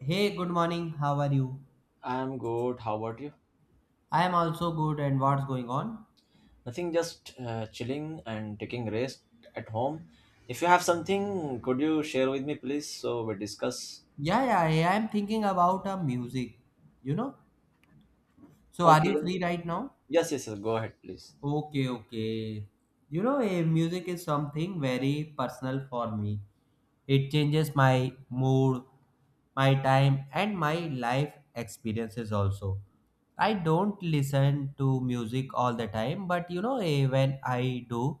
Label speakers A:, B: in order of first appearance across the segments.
A: Hey, good morning. How are you?
B: I'm good. How about you?
A: I am also good. And what's going on?
B: Nothing, just chilling and taking rest at home. If you have something, could you share with me, please, so we discuss?
A: Yeah, yeah, yeah, I am thinking about music. You know. So, are
B: Okay.
A: you free right now?
B: Yes, yes, yes. Go ahead, please.
A: Okay, okay. You know, music is something very personal for me. It changes my mood, my time, and my life experiences also. I don't listen to music all the time, but you know, when I do,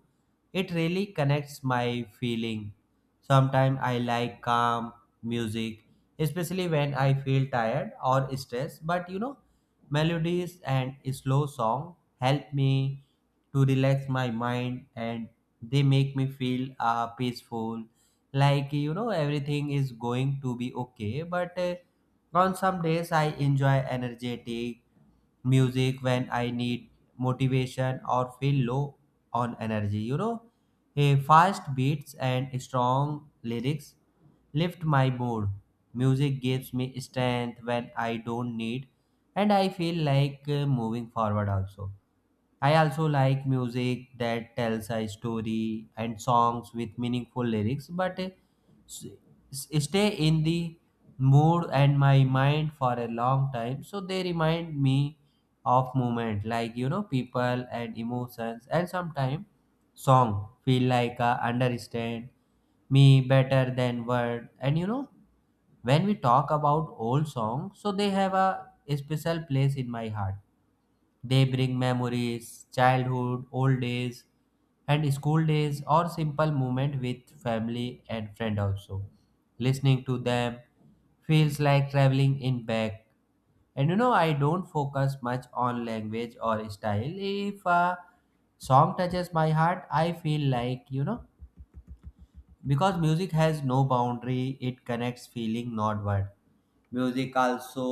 A: it really connects my feeling. Sometimes I like calm music, especially when I feel tired or stressed, but you know, melodies and slow song help me to relax my mind and they make me feel peaceful like everything is going to be okay but on some days I enjoy energetic music when I need motivation or feel low on energy. A fast beats and strong lyrics lift my mood. Music gives me strength when I don't need and I feel like moving forward also. I also like music that tells a story and songs with meaningful lyrics, but s- stay in the mood and my mind for a long time. So they remind me of moment like people and emotions, and sometimes song feel like a understand me better than word. And you know when we talk about old songs, so they have a special place in my heart. They bring memories, childhood, old days, and school days or simple moment with family and friend also. Listening to them feels like traveling in back. And you know, I don't focus much on language or style. If a song touches my heart, I feel like, because music has no boundary it connects feeling not word. Music also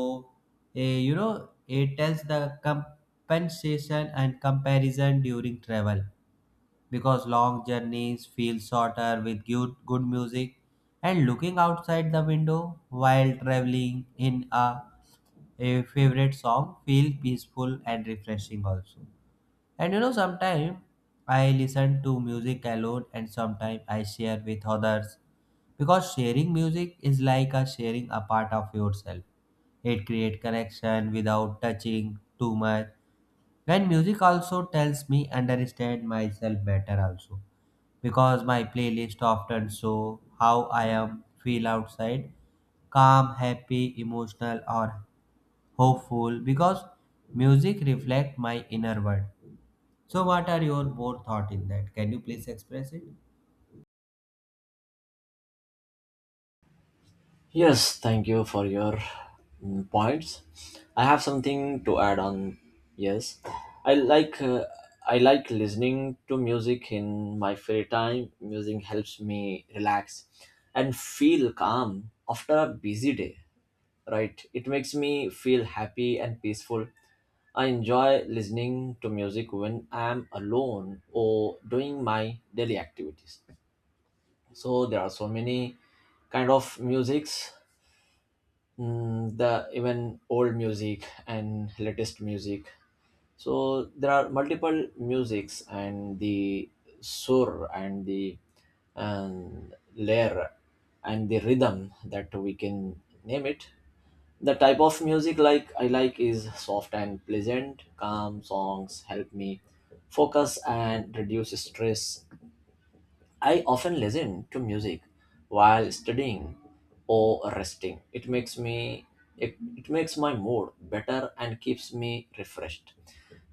A: it tells the compensation and comparison during travel because long journeys feel shorter with good music and looking outside the window while traveling in a favorite song feel peaceful and refreshing also. And you know, sometimes I listen to music alone and sometimes I share with others because sharing music is like a sharing a part of yourself. It creates connection without touching too much. And music also tells me understand myself better also because my playlist often show how I am feel outside calm, happy, emotional, or hopeful because music reflects my inner world. So, what are your more thought in that? Can you please express it?
B: Yes, thank you for your points. I have something to add on. Yes, I like uh, I like listening to music in my free time. Music helps me relax and feel calm after a busy day. Right? It makes me feel happy and peaceful. I enjoy listening to music when I'm alone or doing my daily activities. So there are so many kind of musics, the even old music and latest music. So there are multiple musics and the sur and the and layer and the rhythm that we can name it the type of music like I like is soft and pleasant. Calm songs help me focus and reduce stress. I often listen to music while studying or resting. It makes my mood better and keeps me refreshed.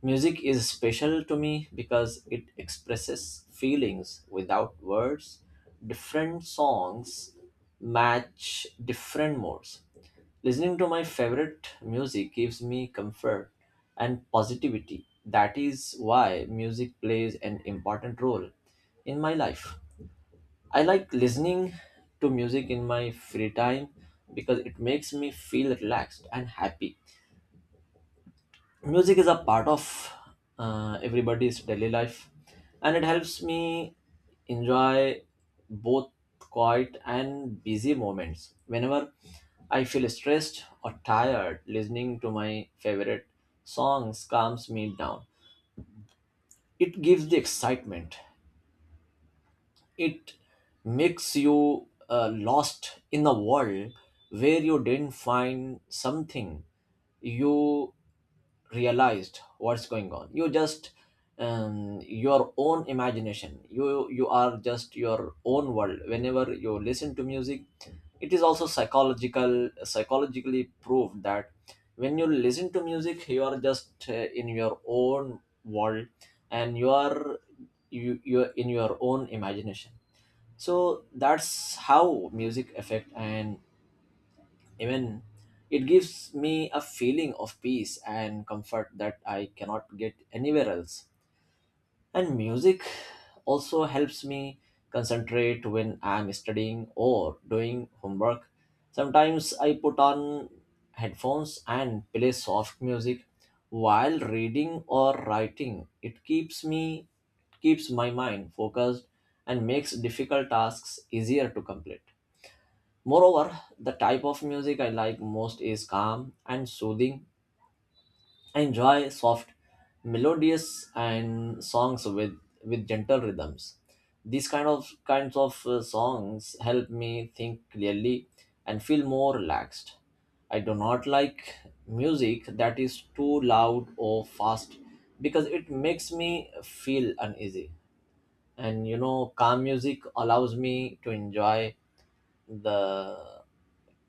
B: Music is special to me because it expresses feelings without words. Different songs match different moods. Listening to my favorite music gives me comfort and positivity. That is why music plays an important role in my life. I like listening to music in my free time because it makes me feel relaxed and happy. Music is a part of everybody's daily life, and it helps me enjoy both quiet and busy moments. Whenever I feel stressed or tired, listening to my favorite songs calms me down. It gives the excitement. It makes you lost in a world where you didn't find something, you realized what's going on. You just your own imagination, you are just your own world whenever you listen to music. It is also psychologically proved that when you listen to music, you are just in your own world, and you are you're in your own imagination. So that's how music affect, and even it gives me a feeling of peace and comfort that I cannot get anywhere else. And music also helps me concentrate when I'm studying or doing homework. Sometimes I put on headphones and play soft music while reading or writing. It keeps my mind focused and makes difficult tasks easier to complete. Moreover, the type of music I like most is calm and soothing. I enjoy soft, melodious, and songs with gentle rhythms. These kind of Kinds of songs help me think clearly and feel more relaxed. I do not like music that is too loud or fast because it makes me feel uneasy. And you know, calm music allows me to enjoy the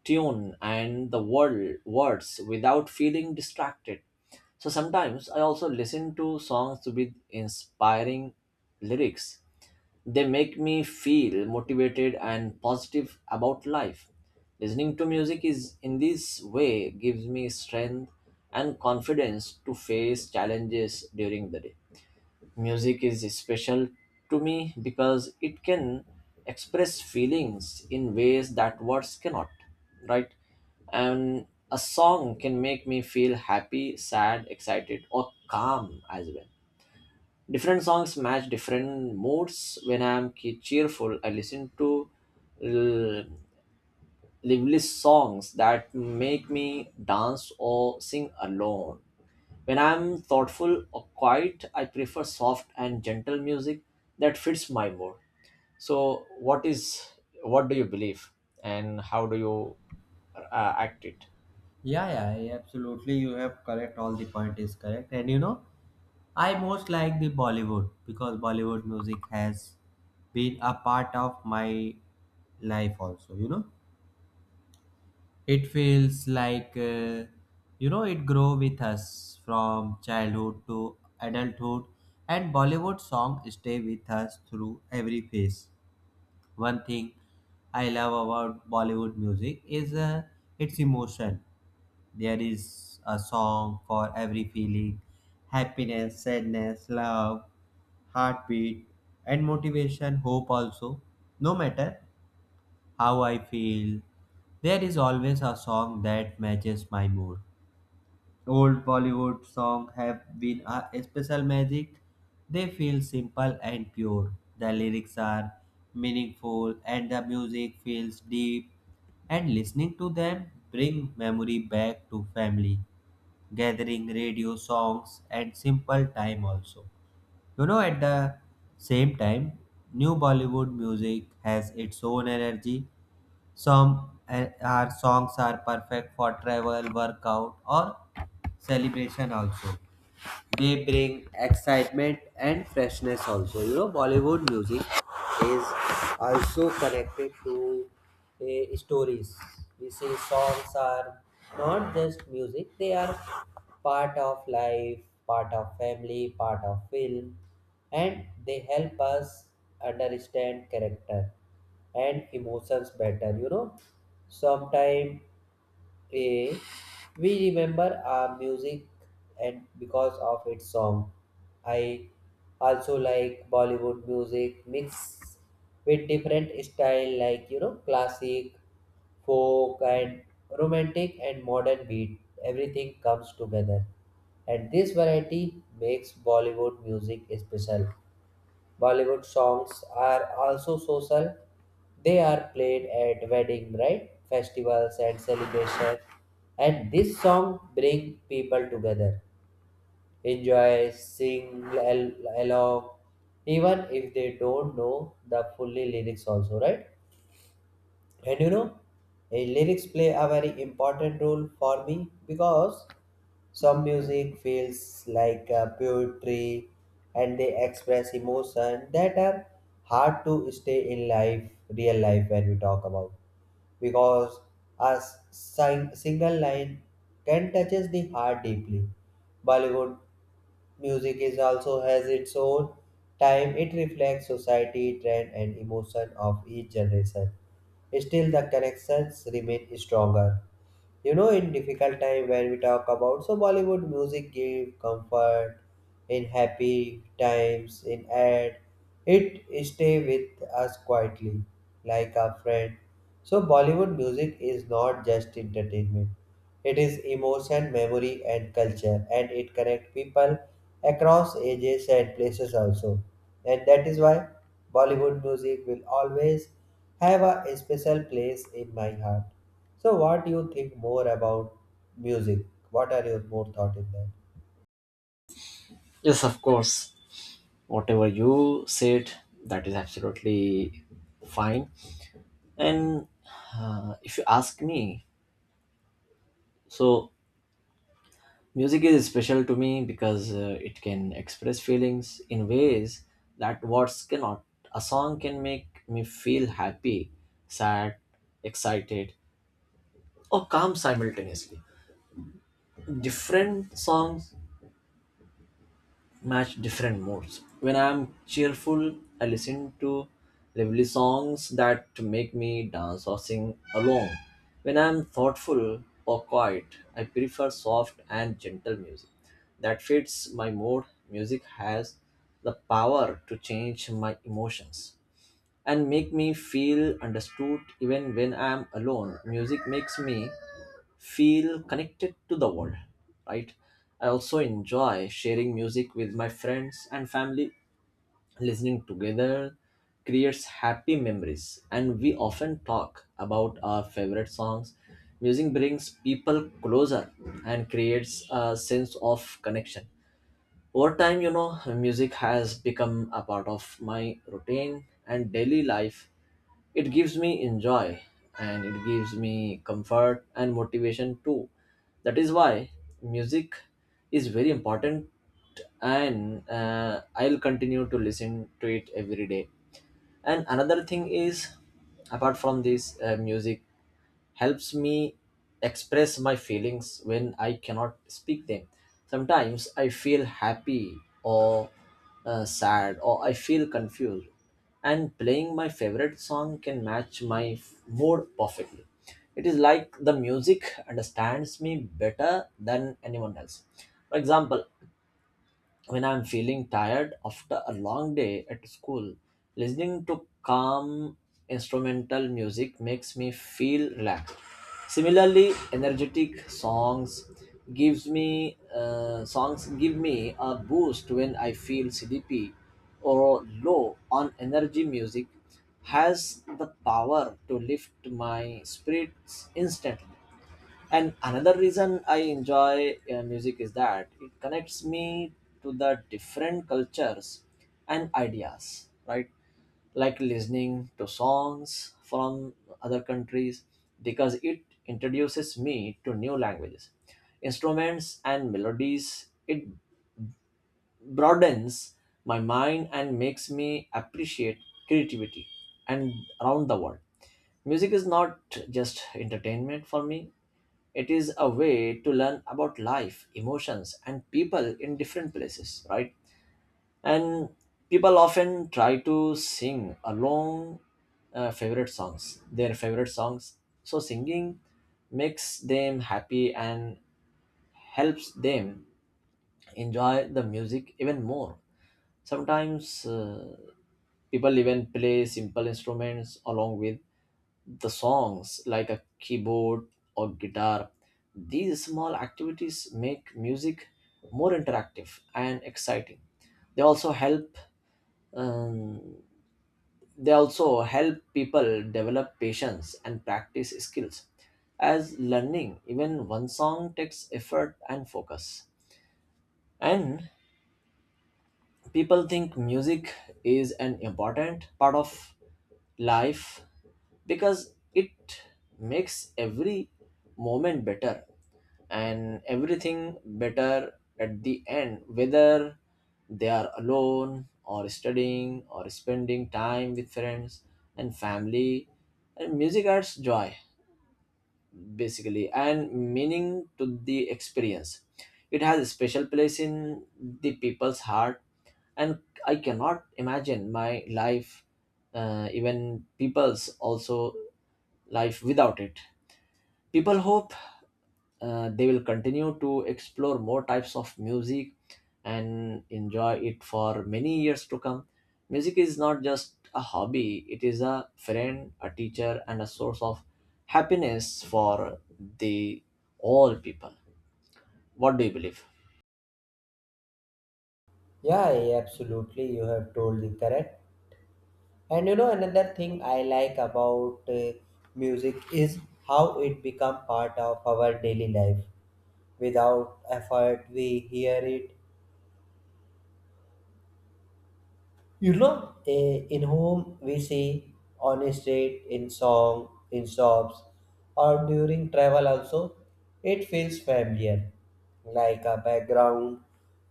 B: tune and the words without feeling distracted. So sometimes I also listen to songs with inspiring lyrics. They make me feel motivated and positive about life. Listening to music is in this way gives me strength and confidence to face challenges during the day. Music is special to me because it can express feelings in ways that words cannot, right? And a song can make me feel happy, sad, excited, or calm as well. Different songs match different moods. When I am cheerful, I listen to l- lively songs that make me dance or sing alone. When I'm thoughtful or quiet, I prefer soft and gentle music that fits my mood. So, what do you believe, and how do you act it?
A: Yeah, yeah, yeah, absolutely. You have correct. All the point is correct. And you know, I most like the Bollywood because Bollywood music has been a part of my life also. You know, it feels like it grow with us from childhood to adulthood, and Bollywood song stay with us through every phase. One thing I love about Bollywood music is its emotion. There is a song for every feeling happiness, sadness, love, heartbeat, and motivation, hope also. No matter how I feel, there is always a song that matches my mood. Old Bollywood songs have been a special magic. They feel simple and pure. The lyrics are meaningful and the music feels deep. And listening to them bring memory back to family, gathering radio songs and simple time also. You know, at the same time, new Bollywood music has its own energy. Some our songs are perfect for travel, workout, or celebration also. They bring excitement and freshness also. You know, Bollywood music is also connected to stories. We say songs are not just music, they are part of life, part of family, part of film, and they help us understand character and emotions better. You know, sometimes a. We remember our music and because of its song. I also like Bollywood music mixed with different style like you know classic, folk and romantic and modern beat. Everything comes together. And this variety makes Bollywood music special. Bollywood songs are also social. They are played at wedding, right? Festivals and celebration. And this song bring people together. Enjoy, along, even if they don't know the fully lyrics also, right? And you know, lyrics play a very important role for me because some music feels like poetry and they express emotion that are hard to stay in real life when we talk about. Because a single line can touches the heart deeply. Bollywood music is also has its own time. It reflects society, trend, and emotion of each generation. Still, the connections remain stronger. You know, in difficult time when we talk about so Bollywood music give comfort in happy times in ad it stay with us quietly like a friend. So Bollywood music is not just entertainment, it is emotion memory and culture and it connect people across ages and places also. And that is why Bollywood music will always have a special place in my heart. So, what do you think more about music? What are your more thought in that?
B: Yes, of course. Whatever you said, that is absolutely fine. And if you ask me, so music is special to me because it can express feelings in ways that words cannot. A song can make me feel happy, sad, excited, or calm simultaneously. Different songs match different moods. When I'm cheerful, I listen to lively songs that make me dance or sing along. When I'm thoughtful or quiet, I prefer soft and gentle music that fits my mood. Music has the power to change my emotions and make me feel understood even when I'm alone. Music makes me feel connected to the world, right? I also enjoy sharing music with my friends and family. Listening together creates happy memories, and we often talk about our favorite songs. Music brings people closer and creates a sense of connection. Over time, you know, music has become a part of my routine and daily life. It gives me enjoy, and it gives me comfort and motivation too. That is why music is very important, and I'll continue to listen to it every day. And another thing is, apart from this music, helps me express my feelings when I cannot speak them. Sometimes I feel happy or sad, or I feel confused, and playing my favorite song can match my mood perfectly. It is like the music understands me better than anyone else. For example, when I'm feeling tired after a long day at school, listening to calm instrumental music makes me feel relaxed. Similarly, energetic songs gives me songs give me a boost when I feel sleepy or low on energy. Music has the power to lift my spirits instantly. And another reason I enjoy music is that it connects me to the different cultures and ideas, right? Like listening to songs from other countries because it introduces me to new languages, instruments, and melodies. It broadens my mind and makes me appreciate creativity and around the world. Music is not just entertainment for me, it is a way to learn about life, emotions, and people in different places, right? And people often try to sing along their favorite songs. So singing makes them happy and helps them enjoy the music even more. Sometimes people even play simple instruments along with the songs like a keyboard or guitar. These small activities make music more interactive and exciting. They also help um, they also help people develop patience and practice skills as learning even one song takes effort and focus. And people think music is an important part of life because it makes every moment better and everything better at the end, whether they are alone or studying or spending time with friends and family. And music adds joy basically and meaning to the experience. It has a special place in the people's heart, and I cannot imagine my life, even people's also life without it. People hope they will continue to explore more types of music and enjoy it for many years to come. Music is not just a hobby, it is a friend, a teacher, and a source of happiness for the all people. What do you believe?
A: Yeah, yeah, absolutely. You have told the correct. And you know, another thing I like about music is how it become part of our daily life. Without effort, we hear it. You know, in whom we see on a street, in song, in shops, or during travel also, it feels familiar, like a background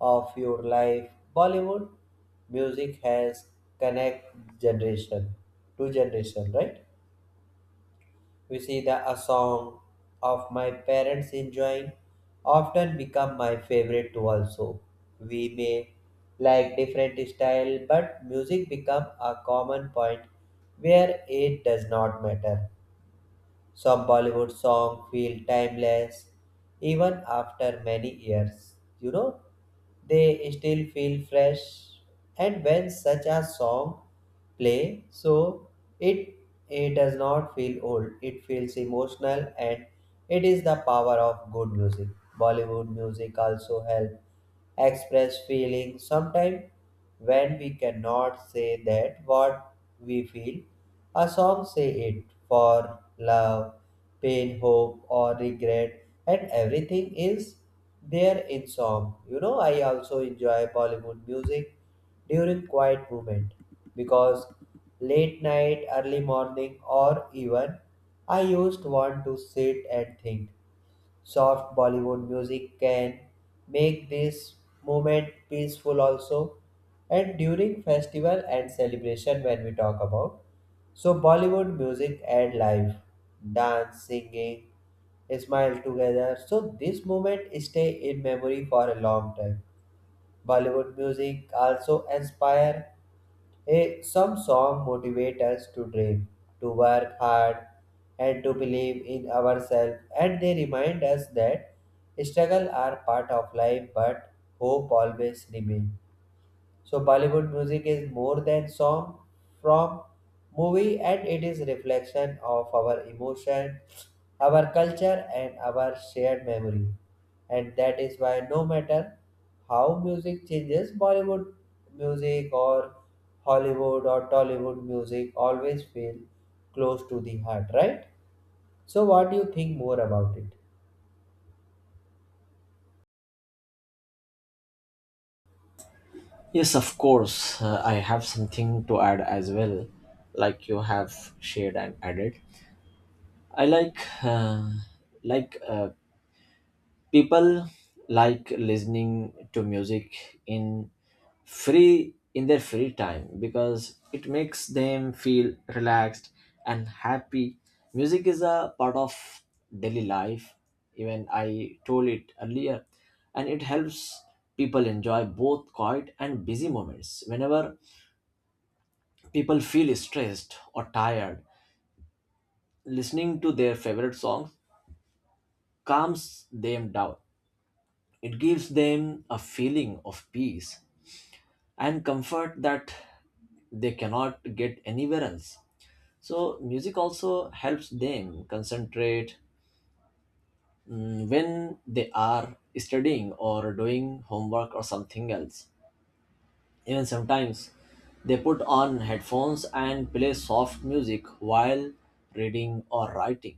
A: of your life. Bollywood music has connect generation to generation, right? You see, the a song of my parents enjoying often become my favorite too also. We may like different style, but music become a common point where it does not matter. Some Bollywood songs feel timeless even after many years. You know, they still feel fresh. And when such a song play, so it it does not feel old. It feels emotional, and it is the power of good music. Bollywood music also help express feelings. Sometimes when we cannot say that what we feel. A song say it for love, pain, hope, or regret, and everything is there in song. You know, I also enjoy Bollywood music during quiet moment because late night, early morning, or even I used want to sit and think soft Bollywood music can make this moment peaceful also. And during festival and celebration when we talk about so Bollywood music and life, dance, singing, smile together. So this moment stay in memory for a long time. Bollywood music also inspire a some song motivate us to dream, to work hard, and to believe in ourselves. And they remind us that struggle are part of life, but hope always remains. So Bollywood music is more than song from movie and it is reflection of our emotion, our culture and our shared memory. And that is why no matter how music changes, Bollywood music or Hollywood or Tollywood music always feel close to the heart, right? So what do you think more about it?
B: Yes, of course. I have something to add as well, like you have shared and added. I like like uh, people like listening to music in free in their free time because it makes them feel relaxed and happy. Music is a part of daily life, even I told it earlier, and it helps people enjoy both quiet and busy moments. Whenever people feel stressed or tired, listening to their favorite songs calms them down. It gives them a feeling of peace and comfort that they cannot get anywhere else. So, music also helps them concentrate, when they are studying or doing homework or something else. Even sometimes they put on headphones and play soft music while reading or writing.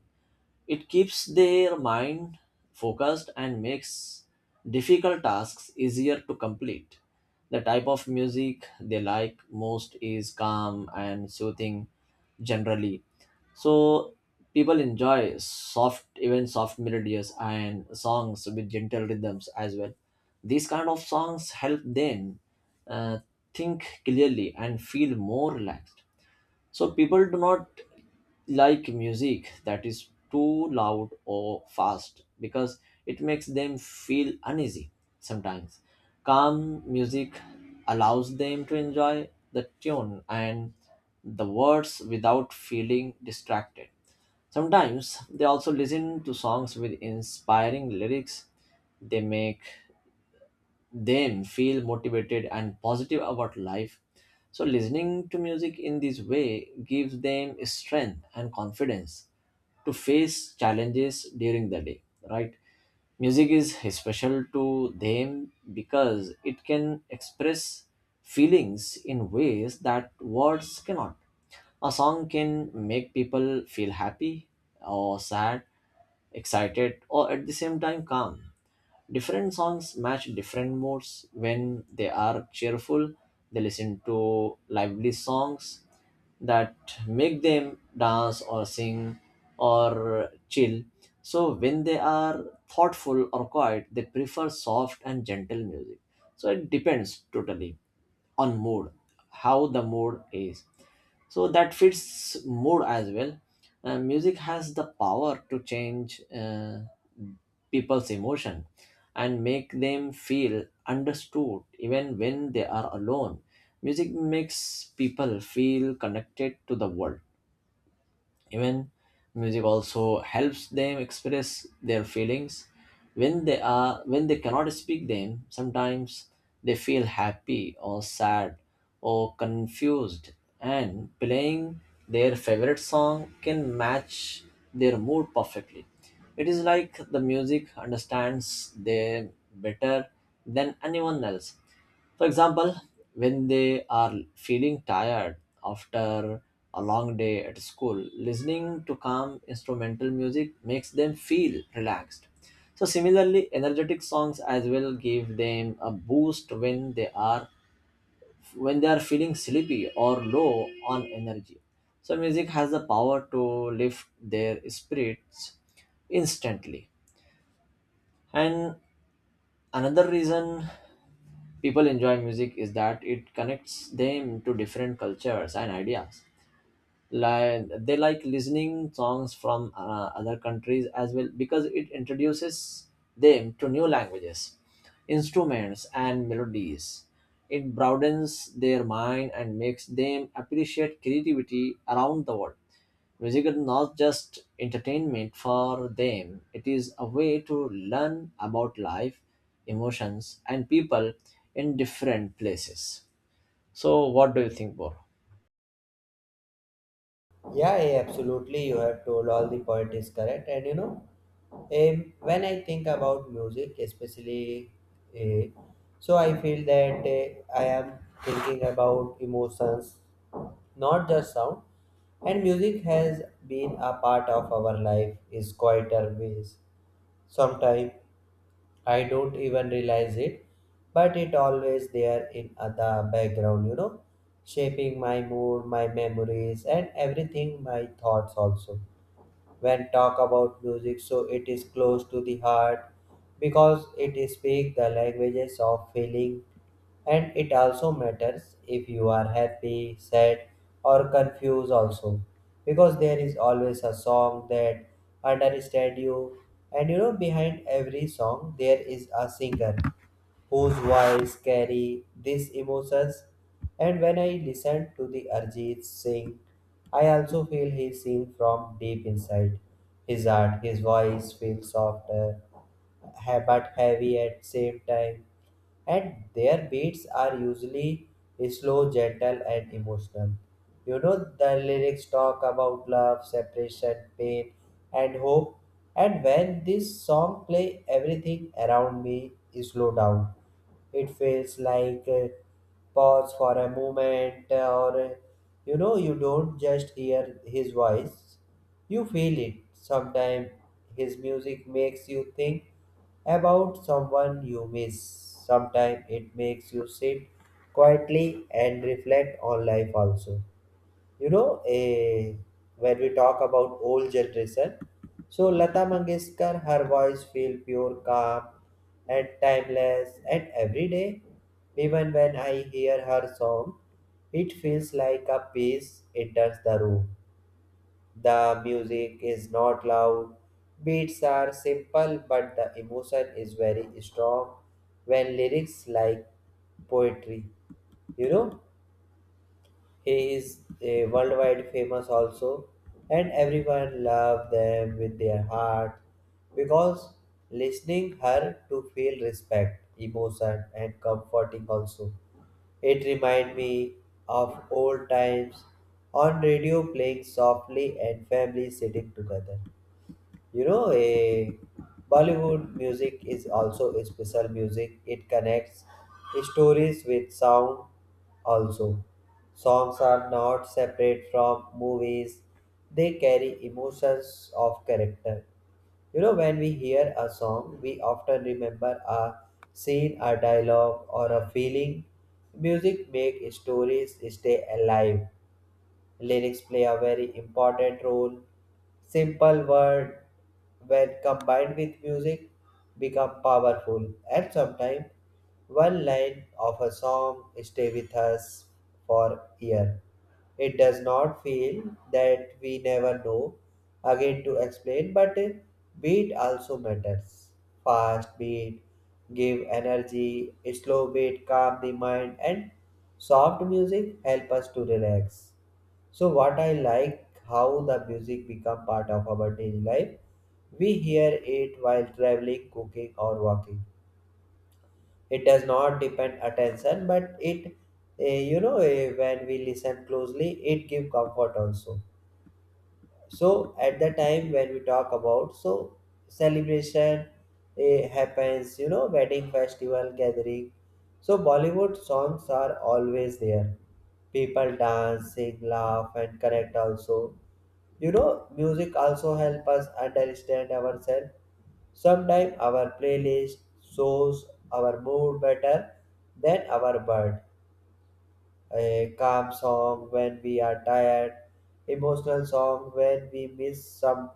B: It keeps their mind focused and makes difficult tasks easier to complete. The type of music they like most is calm and soothing generally. So people enjoy soft, even soft melodies and songs with gentle rhythms as well. These kind of songs help them uh, think clearly and feel more relaxed. So people do not like music that is too loud or fast because it makes them feel uneasy sometimes. Calm music allows them to enjoy the tune and the words without feeling distracted. Sometimes they also listen to songs with inspiring lyrics. They make then feel motivated and positive about life. So, listening to music in this way gives them strength and confidence to face challenges during the day, right? Music is special to them because it can express feelings in ways that words cannot. A song can make people feel happy or sad, excited, or at the same time calm. Different songs match different moods. When they are cheerful, they listen to lively songs that make them dance or sing or chill. So when they are thoughtful or quiet, they prefer soft and gentle music. So it depends totally on mood, how the mood is, so that fits mood as well. Music has the power to change uh, people's emotion and make them feel understood even when they are alone. Music makes people feel connected to the world. Even music also helps them express their feelings when they are when they cannot speak them. Sometimes they feel happy or sad or confused, and playing their favorite song can match their mood perfectly. It is like the music understands them better than anyone else. For example, when they are feeling tired after a long day at school, listening to calm instrumental music makes them feel relaxed. So, similarly, energetic songs as well give them a boost when they are feeling sleepy or low on energy. So, music has the power to lift their spirits instantly. And another reason people enjoy music is that it connects them to different cultures and ideas, like they like listening songs from other countries as well because it introduces them to new languages, instruments, and melodies. It broadens their mind and makes them appreciate creativity around the world. Music is not just entertainment for them, it is a way to learn about life, emotions, and people in different places. So what do you think, Bor?
A: Yeah, yeah, absolutely. You have told all the point is correct. And you know, when I think about music, especially, uh, so I feel that I am thinking about emotions, not just sound. And music has been a part of our life is quieter ways. Sometimes I don't even realize it, but it always there in the background, you know, shaping my mood, my memories, and everything, my thoughts also. When talk about music so it is close to the heart because it speaks the languages of feeling and it also matters if you are happy sad or confused also because there is always a song that understand you. And you know behind every song there is a singer whose voice carry these emotions. And when I listen to the Arjit Singh, I also feel he seen from deep inside his heart. His voice feels softer, but heavy at same time and their beats are usually slow, gentle, and emotional. You know, the lyrics talk about love, separation, pain, and hope. And when this song play, everything around me is slow down. It feels like pause for a moment, or you know, you don't just hear his voice. You feel it. Sometimes his music makes you think about someone you miss. Sometimes it makes you sit quietly and reflect on life also. You know, when we talk about old generation, so Lata Mangeshkar, her voice feel pure, calm, and timeless, and every day, even when I hear her song, it feels like a peace enters the room. The music is not loud, beats are simple, but the emotion is very strong when lyrics like poetry, you know. He is a worldwide famous also, and everyone love them with their heart because listening her to feel respect, emotion, and comforting also. It remind me of old times on radio playing softly and family sitting together. You know, a Bollywood music is also a special music. It connects stories with sound also. Songs are not separate from movies. They carry emotions of character. You know, when we hear a song, we often remember a scene, a dialogue, or a feeling. Music makes stories stay alive. Lyrics play a very important role. Simple words, when combined with music, become powerful, and sometimes one line of a song stay with us for year. It does not feel that we never know again to explain, but beat also matters. Fast beat give energy, slow beat calm the mind, and soft music help us to relax. So what I like how the music become part of our daily life. We hear it while traveling, cooking, or walking. It does not depend attention, but it, when we listen closely, it give comfort also. So at the time when we talk about so celebration happens, you know, wedding, festival, gathering. So Bollywood songs are always there. People dance, sing, laugh, and connect also. You know, music also help us understand ourselves. Sometimes our playlist shows our mood better than our bird. A calm song when we are tired, emotional song when we miss someone,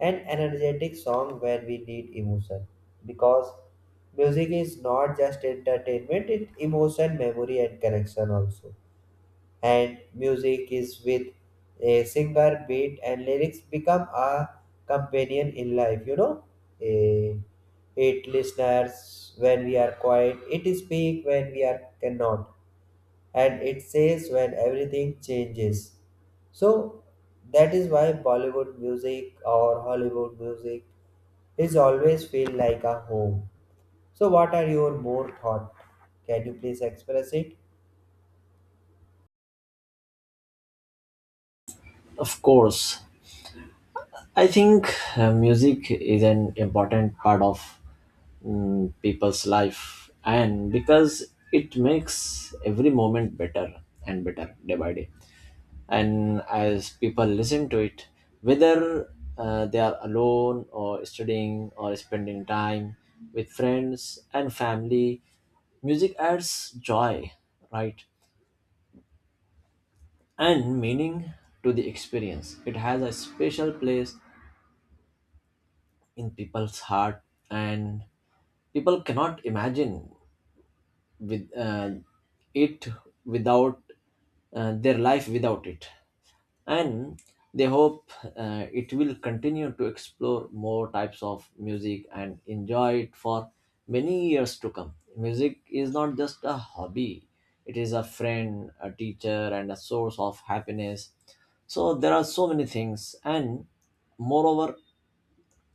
A: and energetic song when we need emotion. Because music is not just entertainment, it emotion, memory, and connection also. And music is with a singer beat and lyrics become a companion in life. You know, Eh, it listeners when we are quiet it speaks when we are cannot and it says when everything changes. So that is why Bollywood music or Hollywood music is always feel like a home. So what are your more thought? Can you please express it?
B: Of course. I think music is an important part of people's life, and because it makes every moment better and better day by day. And as people listen to it, whether they are alone or studying or spending time with friends and family, music adds joy, right, and meaning to the experience. It has a special place in people's heart, and people cannot imagine with it without their life without it. And they hope it will continue to explore more types of music and enjoy it for many years to come. Music is not just a hobby, it is a friend, a teacher, and a source of happiness. So there are so many things. And moreover,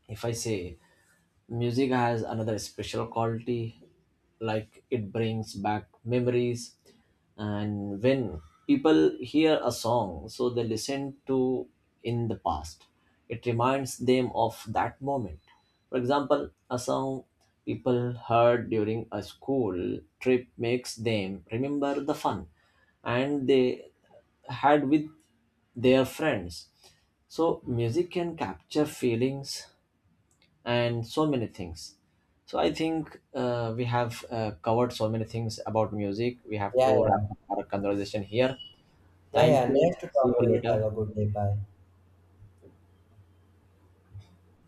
B: if I say, music has another special quality, like it brings back memories, and when people hear a song so they listen to in the past, it reminds them of that moment. For example, a song people heard during a school trip makes them remember the fun and they had with their friends. So music can capture feelings and so many things. So I think we have covered so many things about music. We have
A: Yeah,
B: to wrap
A: yeah.
B: up our conversation here.
A: Yeah,
B: Thank
A: yeah.
B: you.
A: Nice to
B: See you
A: talk to you. Have
B: later.
A: a good day. Bye.